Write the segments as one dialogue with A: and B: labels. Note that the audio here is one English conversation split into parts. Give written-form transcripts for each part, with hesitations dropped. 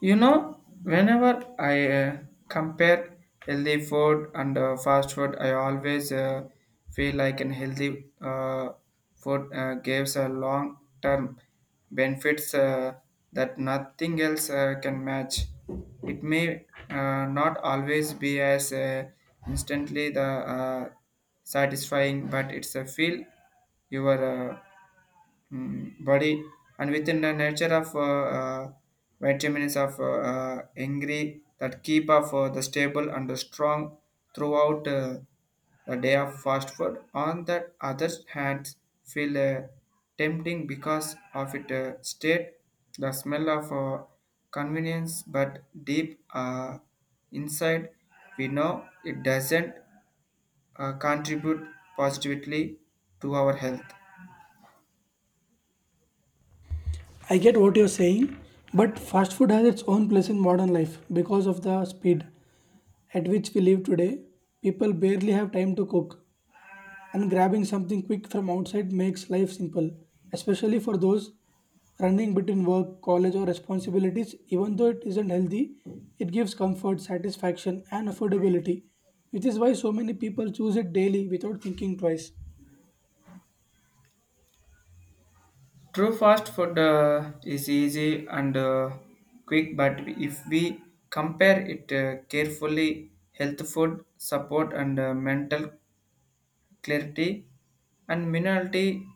A: Whenever I compare healthy food and fast food, I always feel like an healthy food gives a long-term benefits that nothing else can match. It may not always be as instantly the satisfying, but it's a feel your body and within the nature of vitamins of angry that keep up the stable and the strong throughout the day of fast food on the other hand feel tempting because of its state the smell of convenience but deep inside we know it doesn't contribute positively to our health.
B: I get what you're saying, but fast food has its own place in modern life because of the speed at which we live today. People barely have time to cook, and grabbing something quick from outside makes life simple, especially for those running between work, college, or responsibilities. Even though it isn't healthy, it gives comfort, satisfaction, and affordability, which is why so many people choose it daily without thinking twice.
A: True fast food is easy and quick, but if we compare it carefully, health food support and mental clarity and minority,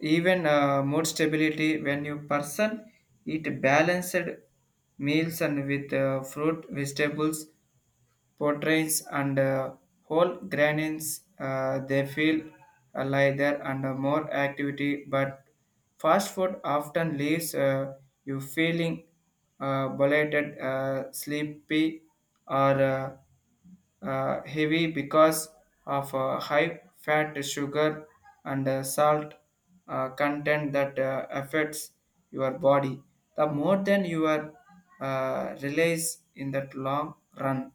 A: even mood stability. When you person eat balanced meals and with fruit, vegetables, portraits and whole grains they feel lighter and more activity but fast food often leaves you feeling bloated sleepy or heavy because of high fat sugar and salt content that affects your body the more than your release in that long run.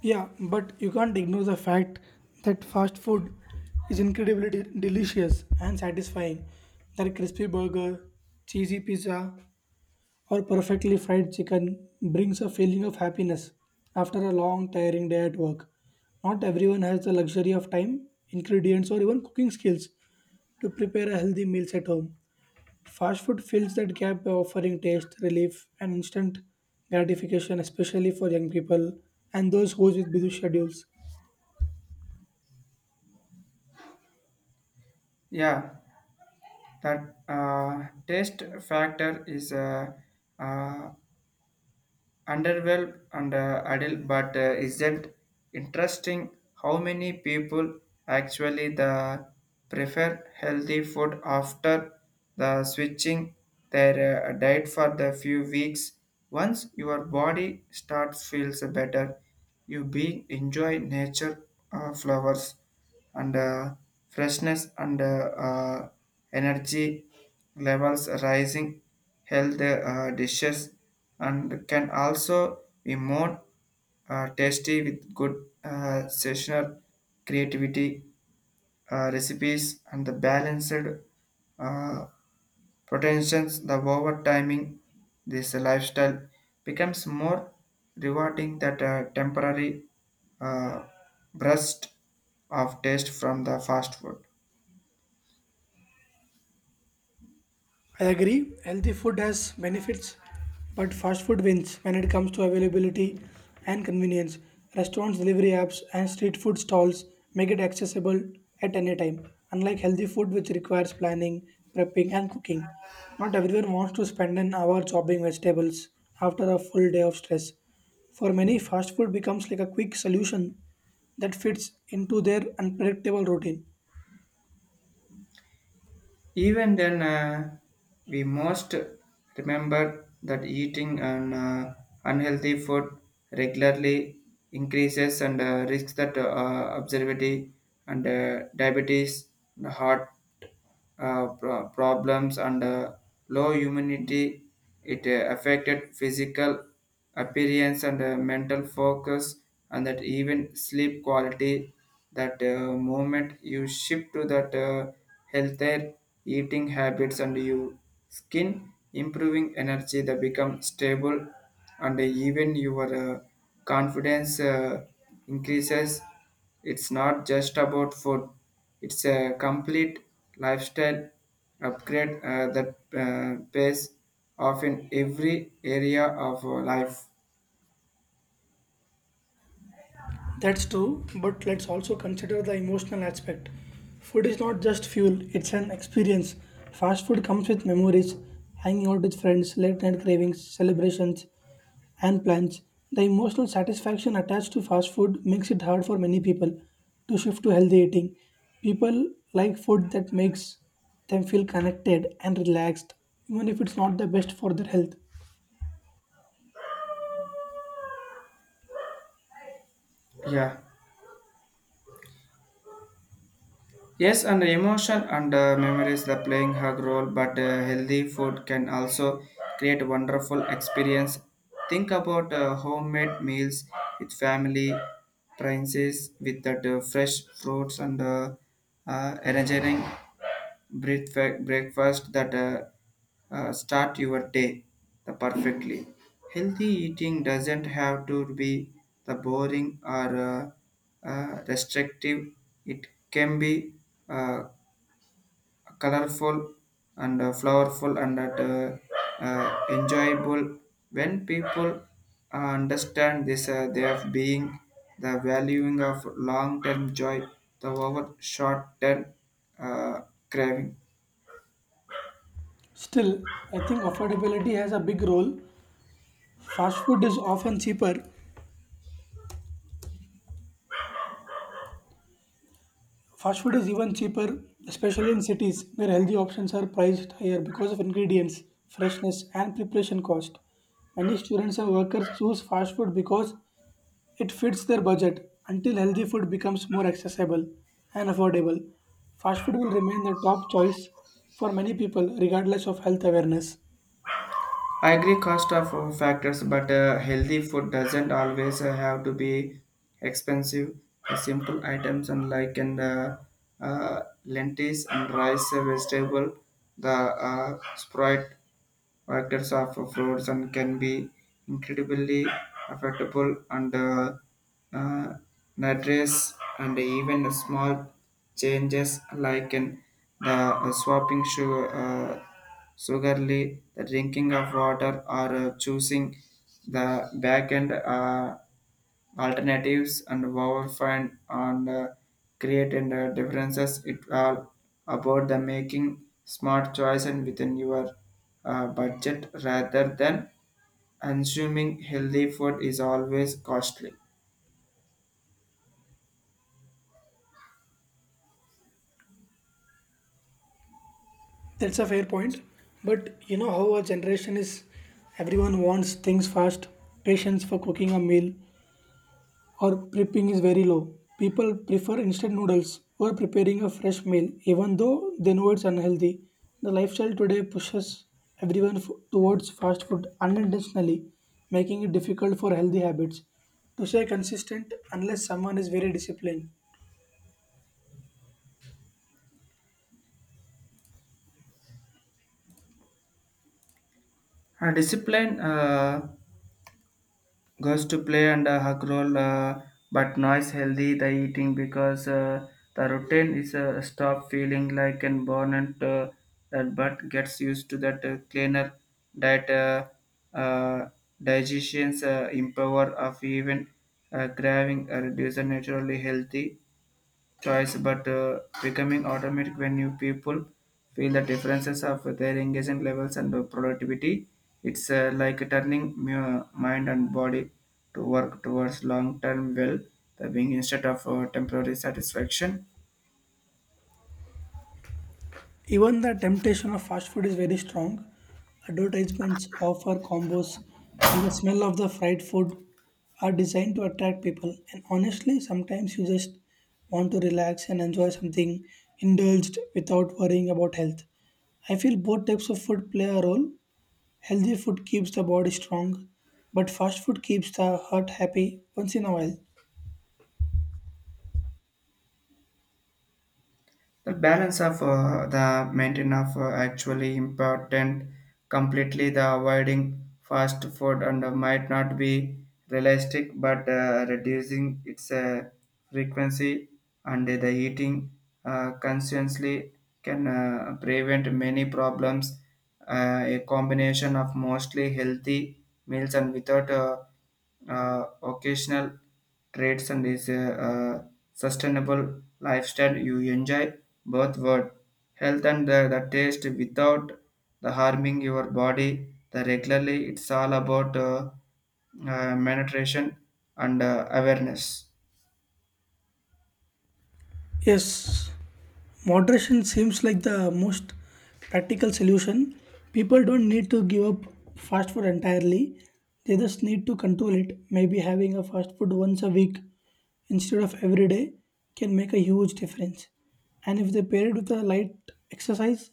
B: Yeah, but you can't ignore the fact that fast food is incredibly delicious and satisfying. That crispy burger, cheesy pizza, or perfectly fried chicken brings a feeling of happiness after a long, tiring day at work. Not everyone has the luxury of time, ingredients, or even cooking skills to prepare a healthy meals at home. Fast food fills that gap by offering taste, relief, and instant gratification, especially for young people and those who with busy schedules.
A: Yeah, that taste factor is uh, underwhelmed and adult but isn't interesting how many people actually the prefer healthy food after the switching their diet for the few weeks once your body starts feels better you be enjoy nature flowers and freshness and energy levels rising health dishes and can also be more tasty with good seasonal creativity recipes and the balanced uh, potentials the over timing this lifestyle becomes more rewarding that temporary uh, burst of taste from the fast food.
B: I agree. Healthy food has benefits, but fast food wins when it comes to availability and convenience. Restaurants, delivery apps, and street food stalls make it accessible at any time, unlike healthy food, which requires planning, prepping, and cooking. Not everyone wants to spend an hour chopping vegetables after a full day of stress. For many, fast food becomes like a quick solution that fits into their unpredictable routine.
A: Even then, we must remember that eating an unhealthy food regularly increases and risks that obesity and diabetes, and heart problems, and low immunity. It affected physical appearance and mental focus and that even sleep quality that moment you shift to that healthier eating habits and your skin improving energy that become stable and even your confidence increases. It's not just about food, it's a complete lifestyle upgrade that pays off in every area of life.
B: That's true, but let's also consider the emotional aspect. Food is not just fuel, it's an experience. Fast food comes with memories, hanging out with friends, late night cravings, celebrations, and plans. The emotional satisfaction attached to fast food makes it hard for many people to shift to healthy eating. People like food that makes them feel connected and relaxed, even if it's not the best for their health.
A: Yeah. Yes, and emotion and memories are playing a role, but healthy food can also create wonderful experience. Think about homemade meals with family, princes with that fresh fruits and engineering breakfast that start your day the perfectly. Healthy eating doesn't have to be the boring or restrictive. It can be uh, colorful and flowerful and enjoyable. When people understand this, they are being the valuing of long-term joy, the over short-term uh, craving.
B: Still, I think affordability has a big role. Fast food is often cheaper, Fast food is even cheaper, especially in cities where healthy options are priced higher because of ingredients, freshness, and preparation cost. Many students and workers choose fast food because it fits their budget until healthy food becomes more accessible and affordable. Fast food will remain the top choice for many people, regardless of health awareness.
A: I agree cost of factors, but healthy food doesn't always have to be expensive. Simple items and like and lentils and rice, vegetable, the sprout factors of fruits and can be incredibly affordable and uh, address and even small changes like in the swapping sugar, sugarly, the drinking of water, or choosing the back end alternatives and overfind and create and differences. It all about the making smart choice and within your budget rather than consuming healthy food is always costly.
B: That's a fair point. But you know how our generation is: everyone wants things fast, patience for cooking a meal, or prepping is very low. People prefer instant noodles or preparing a fresh meal, even though they know it's unhealthy. The lifestyle today pushes everyone towards fast food unintentionally, making it difficult for healthy habits to stay consistent unless someone is very disciplined.
A: Discipline goes to play and hug role, but noise healthy the eating because the routine is stop feeling like an born and that but gets used to that cleaner diet uh, digestions empower of even craving reduce a naturally healthy choice but becoming automatic when new people feel the differences of their engagement levels and productivity. It's like turning mind and body to work towards long-term well being instead of temporary satisfaction.
B: Even the temptation of fast food is very strong. Advertisements offer combos, and the smell of the fried food are designed to attract people. And honestly, sometimes you just want to relax and enjoy something indulged without worrying about health. I feel both types of food play a role. Healthy food keeps the body strong, but fast food keeps the heart happy once in a while.
A: The balance of the maintenance of actually important completely the avoiding fast food and might not be realistic but reducing its frequency and the eating consciously can prevent many problems a combination of mostly healthy meals and without occasional traits and is a, sustainable lifestyle you enjoy both word health and the taste without the harming your body the regularly. It's all about meditation and awareness.
B: Yes, moderation seems like the most practical solution. People don't need to give up fast food entirely. They just need to control it. Maybe having a fast food once a week instead of every day can make a huge difference. And if they pair it with a light exercise,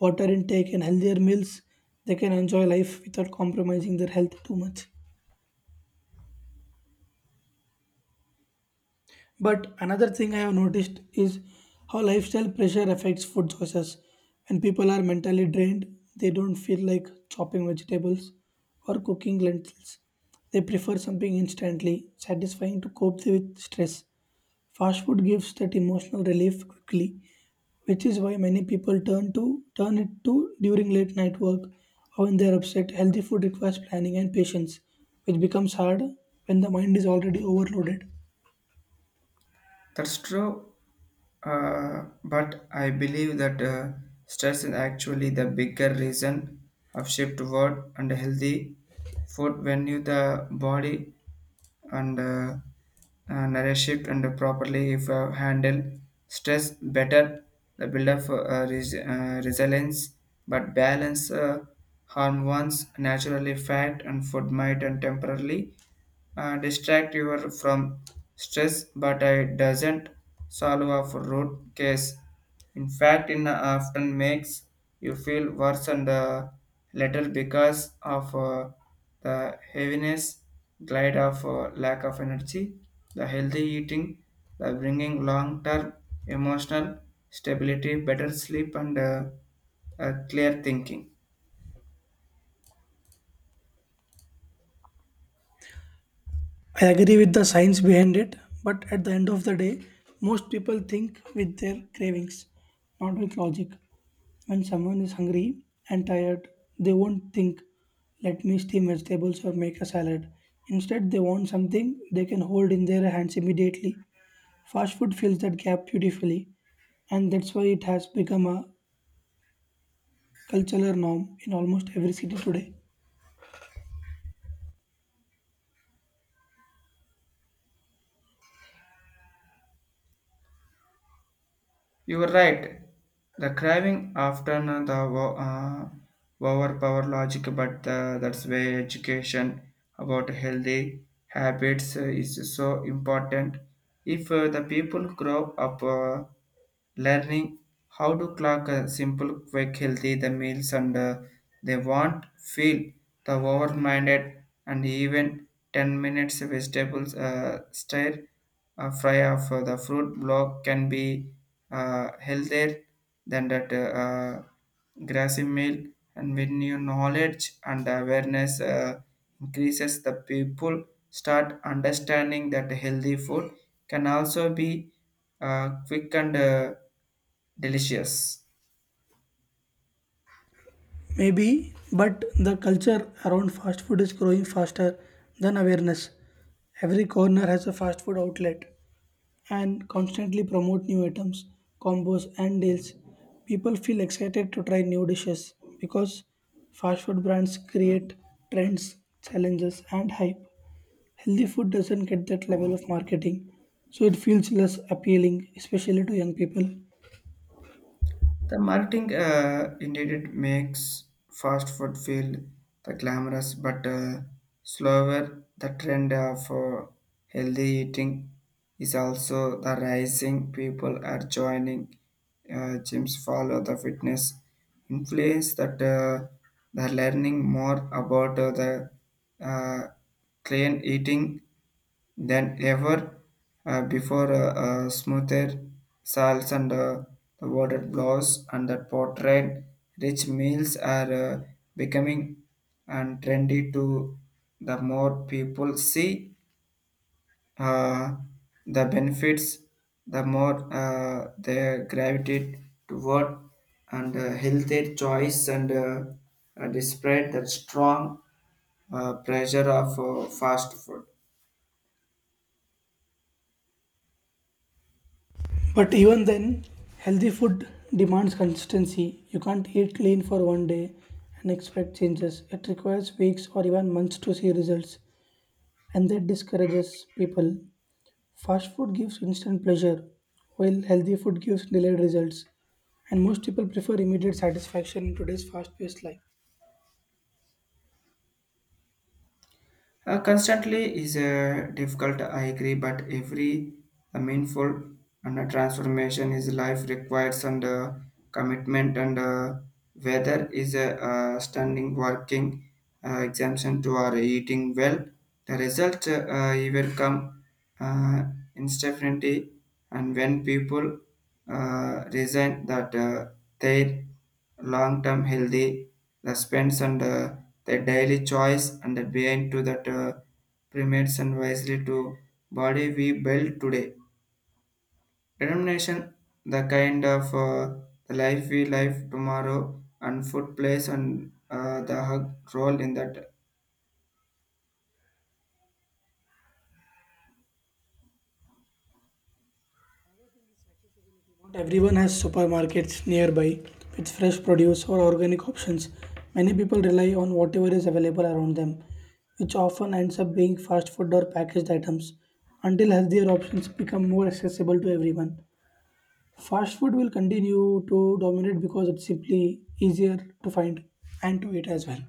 B: water intake, and healthier meals, they can enjoy life without compromising their health too much. But another thing I have noticed is how lifestyle pressure affects food choices. When people are mentally drained, they don't feel like chopping vegetables or cooking lentils. They prefer something instantly satisfying to cope with stress. Fast food gives that emotional relief quickly, which is why many people turn it to during late night work or when they are upset. Healthy food requires planning and patience, which becomes hard when the mind is already overloaded.
A: That's true but I believe that stress is actually the bigger reason of shift toward and healthy food when you the body and nourish and properly if handle stress better the build up resilience but balance hormones naturally fat and food might and temporarily distract you from stress, but it doesn't solve a root case. In fact, it often makes you feel worse and later because of the heaviness, glide of lack of energy, the healthy eating, the bringing long-term emotional stability, better sleep, and clear thinking.
B: I agree with the science behind it, but at the end of the day, most people think with their cravings, not with logic. When someone is hungry and tired, they won't think, let me steam vegetables or make a salad. Instead, they want something they can hold in their hands immediately. Fast food fills that gap beautifully, and that's why it has become a cultural norm in almost every city today.
A: You were right. The craving after overpower logic, but that's why education about healthy habits is so important. If the people grow up learning how to clock a simple, quick, healthy the meals and they won't feel the overminded and even 10 minutes vegetables stir fry of the fruit block can be healthier than that grassy meal and when you knowledge and awareness increases the people start understanding that healthy food can also be quick and delicious.
B: Maybe, but the culture around fast food is growing faster than awareness. Every corner has a fast food outlet and constantly promote new items, combos, and deals. People feel excited to try new dishes because fast food brands create trends, challenges, and hype. Healthy food doesn't get that level of marketing, so it feels less appealing, especially to young people.
A: The marketing indeed it makes fast food feel the glamorous but slower. The trend of for healthy eating is also the rising. People are joining gyms, follow the fitness influence that they're learning more about the uh, clean eating than ever before. Smoother salts and the water blows and the portrait rich meals are becoming and trendy to the more people see uh, the benefits the more they gravitate toward and healthy choice and despite the strong pressure of fast food.
B: But even then, healthy food demands consistency. You can't eat clean for one day and expect changes. It requires weeks or even months to see results, and that discourages people. Fast food gives instant pleasure, while healthy food gives delayed results. And most people prefer immediate satisfaction in today's fast paced life.
A: Constantly is difficult, I agree, but every meaningful and transformation is life requires and commitment and whether is a standing working exemption to our eating well, the result even come uh, instantly and when people resign that their long-term healthy, the spends and the daily choice and the behind to that primates and wisely to body we build today. Determination, the kind of the life we live tomorrow and food plays and the hug role in that.
B: Not everyone has supermarkets nearby with fresh produce or organic options. Many people rely on whatever is available around them, which often ends up being fast food or packaged items until healthier options become more accessible to everyone. Fast food will continue to dominate because it's simply easier to find and to eat as well.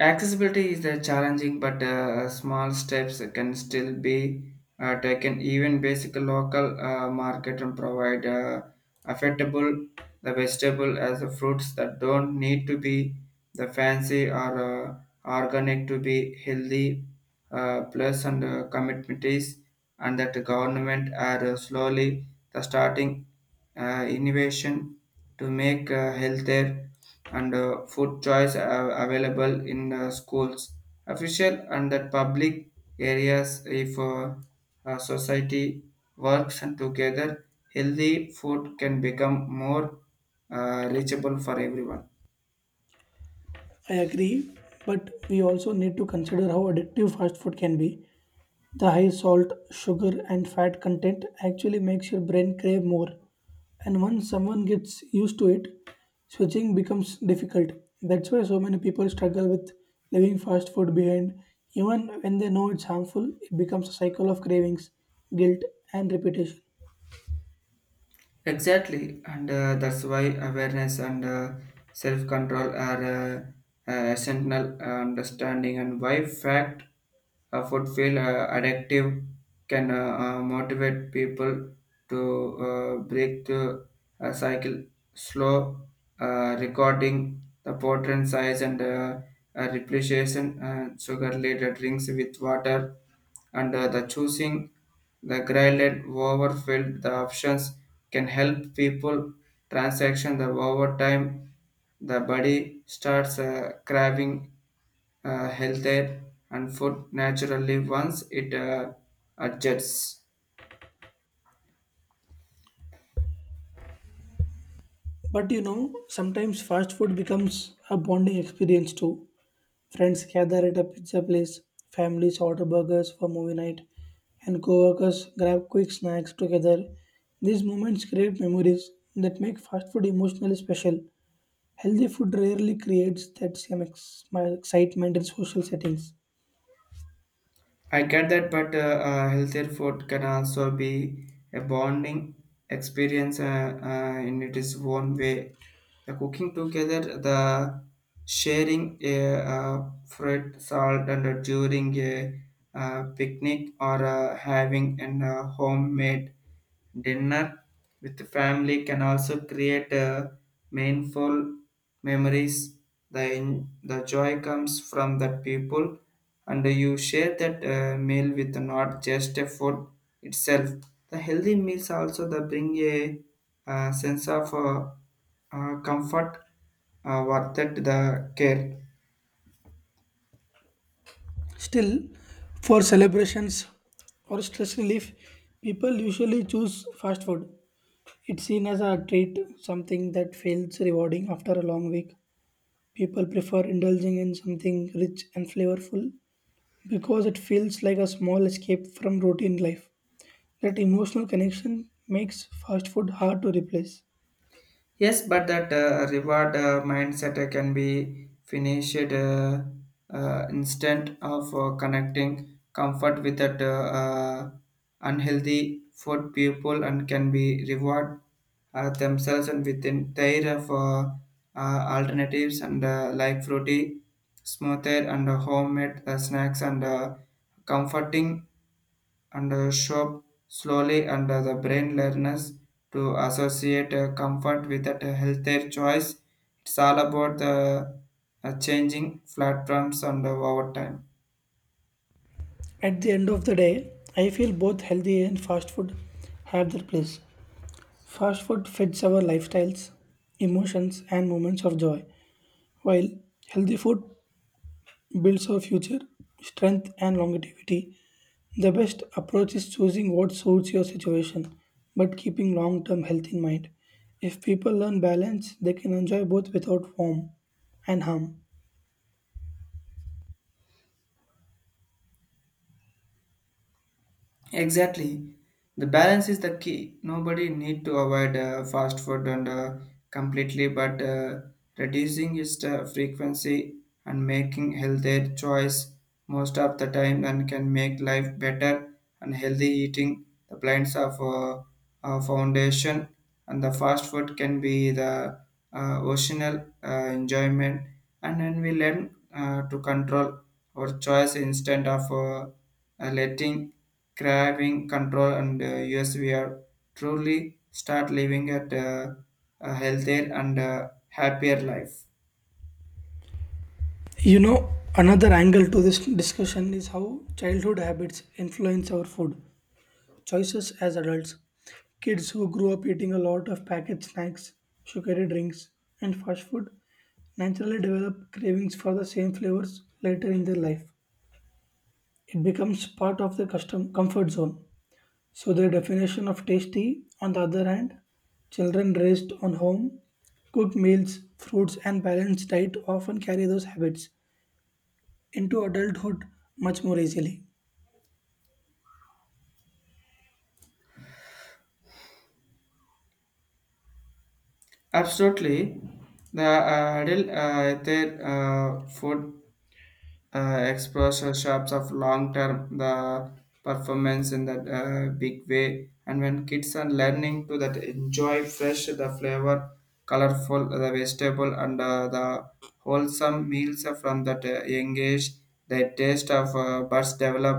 A: Accessibility is challenging, but small steps can still be taken. Even basic local market and provide affordable the vegetable as the fruits that don't need to be the fancy or organic to be healthy. Plus and commitments and that the government are slowly the starting innovation to make healthier and food choice are available in schools, official and the public areas. If society works and together, healthy food can become more reachable for everyone.
B: I agree, but we also need to consider how addictive fast food can be. The high salt, sugar, and fat content actually makes your brain crave more. And once someone gets used to it, switching becomes difficult. That's why so many people struggle with leaving fast food behind. Even when they know it's harmful, it becomes a cycle of cravings, guilt, and repetition.
A: Exactly, and that's why awareness and self control are essential understanding, and why fact food feel addictive can motivate people to break the cycle slow recording the portion size and repletion sugar laden drinks with water and the choosing the graded overfilled the options can help people transaction the over time the body starts craving healthier and food naturally once it adjusts.
B: But you know, sometimes fast food becomes a bonding experience too. Friends gather at a pizza place, families order burgers for movie night, and coworkers grab quick snacks together. These moments create memories that make fast food emotionally special. Healthy food rarely creates that same excitement in social settings.
A: I get that, but healthier food can also be a bonding experience in its own way. The cooking together, the sharing a fruit, salt, and during a picnic or having an homemade dinner with the family can also create meaningful memories. The, the joy comes from the people and you share that meal with not just a food itself. The healthy meals also they bring a, sense of comfort worth it the care.
B: Still, for celebrations or stress relief, people usually choose fast food. It's seen as a treat, something that feels rewarding after a long week. People prefer indulging in something rich and flavorful because it feels like a small escape from routine life. That emotional connection makes fast food hard to replace.
A: Yes, but that reward mindset can be finished instant of connecting comfort with that unhealthy food people and can be reward themselves and within their of alternatives and like fruity smoother and homemade snacks and comforting and shop slowly under the brain learns to associate comfort with that healthier choice. It's all about the changing platforms and over time.
B: At the end of the day, I feel both healthy and fast food have their place. Fast food fits our lifestyles, emotions, and moments of joy, while healthy food builds our future strength and longevity. The best approach is choosing what suits your situation but keeping long term health in mind. If people learn balance, they can enjoy both without harm and harm.
A: Exactly. The balance is the key. Nobody need to avoid fast food and completely, but reducing its frequency and making healthier choice most of the time and can make life better and healthy eating. The plants of foundation and the fast food can be the occasional enjoyment, and then we learn to control our choice instead of letting craving control. And yes, we are truly start living at a healthier and happier life.
B: You know, another angle to this discussion is how childhood habits influence our food choices as adults. Kids who grew up eating a lot of packaged snacks, sugary drinks, and fast food naturally develop cravings for the same flavors later in their life. It becomes part of their custom comfort zone. So their definition of tasty, on the other hand, children raised on home cooked meals, fruits, and balanced diet often carry those habits into adulthood much more easily.
A: Absolutely. The adult, their food exposure shops of long term the performance in that big way. And when kids are learning to that enjoy fresh the flavor, colorful the vegetable, and the wholesome meals from that young age, the taste of buds develop.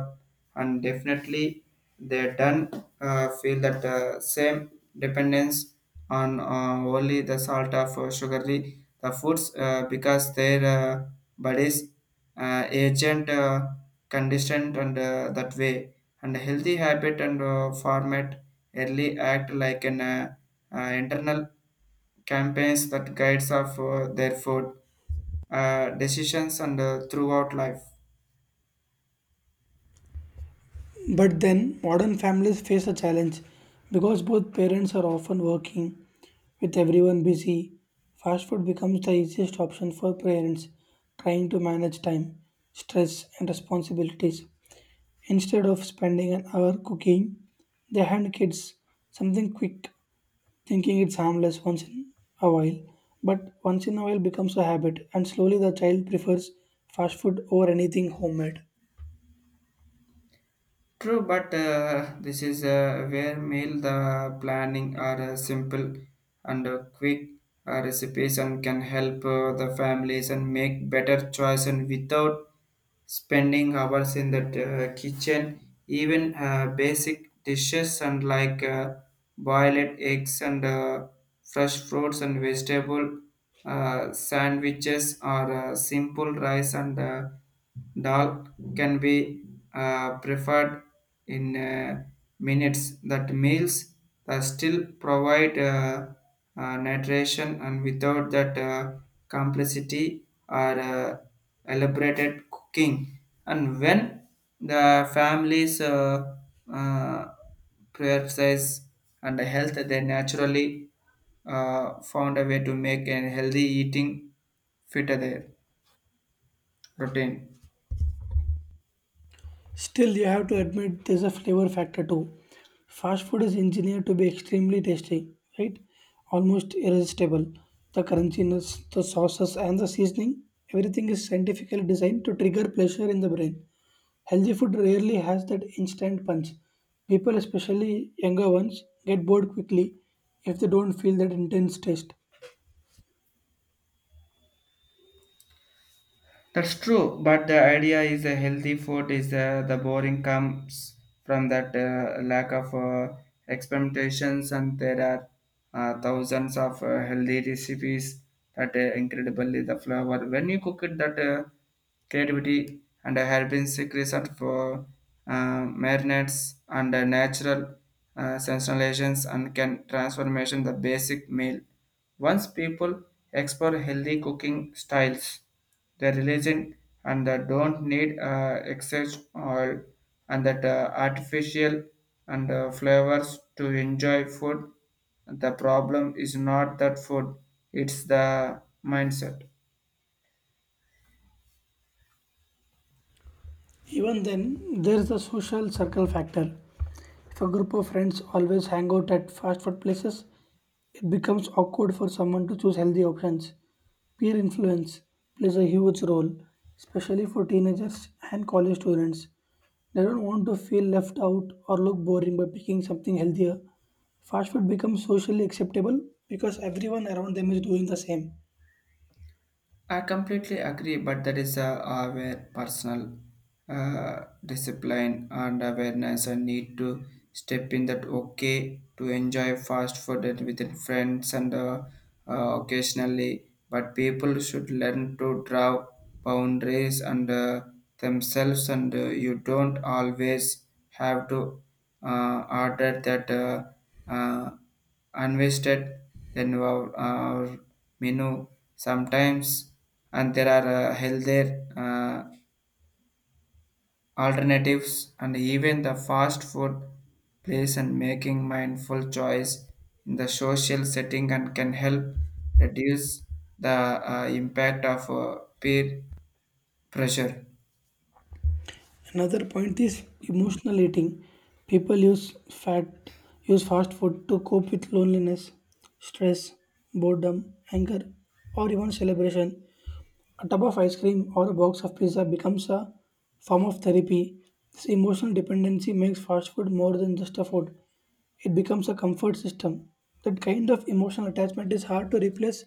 A: And definitely they don't feel that same dependence on only the salt of sugary the foods, because their bodies agent conditioned and that way. And healthy habit and format early act like an internal campaigns that guides of their food decisions and throughout life.
B: But then, modern families face a challenge because both parents are often working, with everyone busy. Fast food becomes the easiest option for parents trying to manage time, stress, and responsibilities. Instead of spending an hour cooking, they hand kids something quick, thinking it's harmless once in a while. But once in a while becomes a habit, and slowly the child prefers fast food over anything homemade.
A: True, but this is where meal the planning are simple and quick recipes and can help the families and make better choice and without spending hours in the kitchen. Even basic dishes and like boiled eggs and fresh fruits and vegetable sandwiches or simple rice and dal can be preferred in minutes. That meals still provide nutrition and without that complexity or elaborated cooking. And when the families uh, prioritize and health, they naturally found a way to make a healthy eating fit their routine.
B: Still, you have to admit there's a flavor factor too. Fast food is engineered to be extremely tasty, right? Almost irresistible. The crunchiness, the sauces, and the seasoning, everything is scientifically designed to trigger pleasure in the brain. Healthy food rarely has that instant punch. People, especially younger ones, get bored quickly if they don't feel that intense taste.
A: That's true, but the idea is a healthy food is the boring comes from that lack of experimentations, and there are thousands of healthy recipes that incredibly the flavor. When you cook it, that creativity and had been sick for marinates and natural sensationalizations and can transformation the basic meal. Once people explore healthy cooking styles, the religion and the don't need excess oil and that artificial and flavors to enjoy food. The problem is not that food, it's the mindset.
B: Even then, there's the social circle factor. If a group of friends always hang out at fast food places, it becomes awkward for someone to choose healthy options. Peer influence plays a huge role, especially for teenagers and college students. They don't want to feel left out or look boring by picking something healthier. Fast food becomes socially acceptable because everyone around them is doing the same.
A: I completely agree, but that is where personal discipline and awareness I need to step in. That okay to enjoy fast food and within friends and occasionally, but people should learn to draw boundaries and themselves. And you don't always have to order that uh, unvested then our menu sometimes. And there are healthier uh, alternatives and even the fast food place and making mindful choice in the social setting and can help reduce the impact of peer pressure.
B: Another point is emotional eating. People use fast food to cope with loneliness, stress, boredom, anger, or even celebration. A tub of ice cream or a box of pizza becomes a form of therapy. This emotional dependency makes fast food more than just a food. It becomes a comfort system. That kind of emotional attachment is hard to replace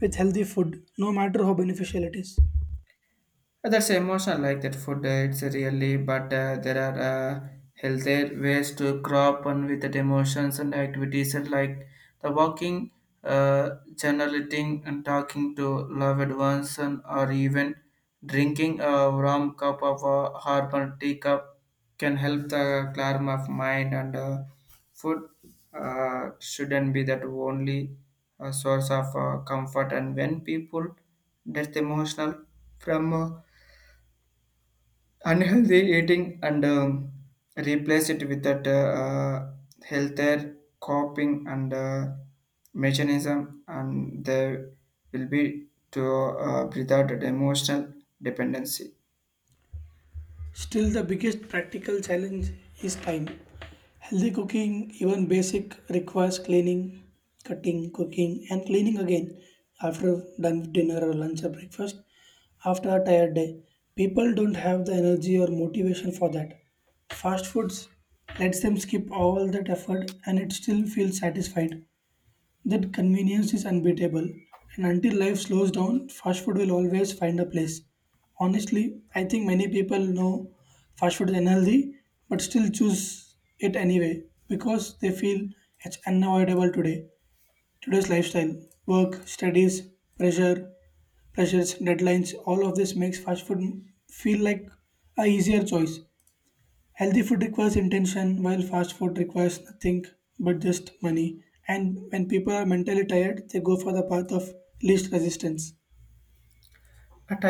B: with healthy food, no matter how beneficial it is.
A: That's emotional like that food. It's really, but there are healthier ways to crop on with the emotions and activities and like the walking, uh, journaling, and talking to loved ones, and or even drinking a warm cup of herbal tea cup can help the calm of mind. And food shouldn't be that only source of comfort. And when people get emotional from unhealthy eating, and replace it with that healthier coping and mechanism, and there will be to without that emotional dependency
B: Still, the biggest practical challenge is time. Healthy cooking, even basic, requires cleaning, cutting, cooking, and cleaning again after done with dinner or lunch or breakfast. After a tired day, people don't have the energy or motivation for that. Fast foods lets them skip all that effort and it still feels satisfied. That convenience is unbeatable, and until life slows down, fast food will always find a place. Honestly, I think many people know fast food is unhealthy, but still choose it anyway because they feel it's unavoidable today. Today's lifestyle, work, studies, pressure, pressures, deadlines, all of this makes fast food feel like a easier choice. Healthy food requires intention, while fast food requires nothing but just money. And when people are mentally tired, they go for the path of least resistance.
A: at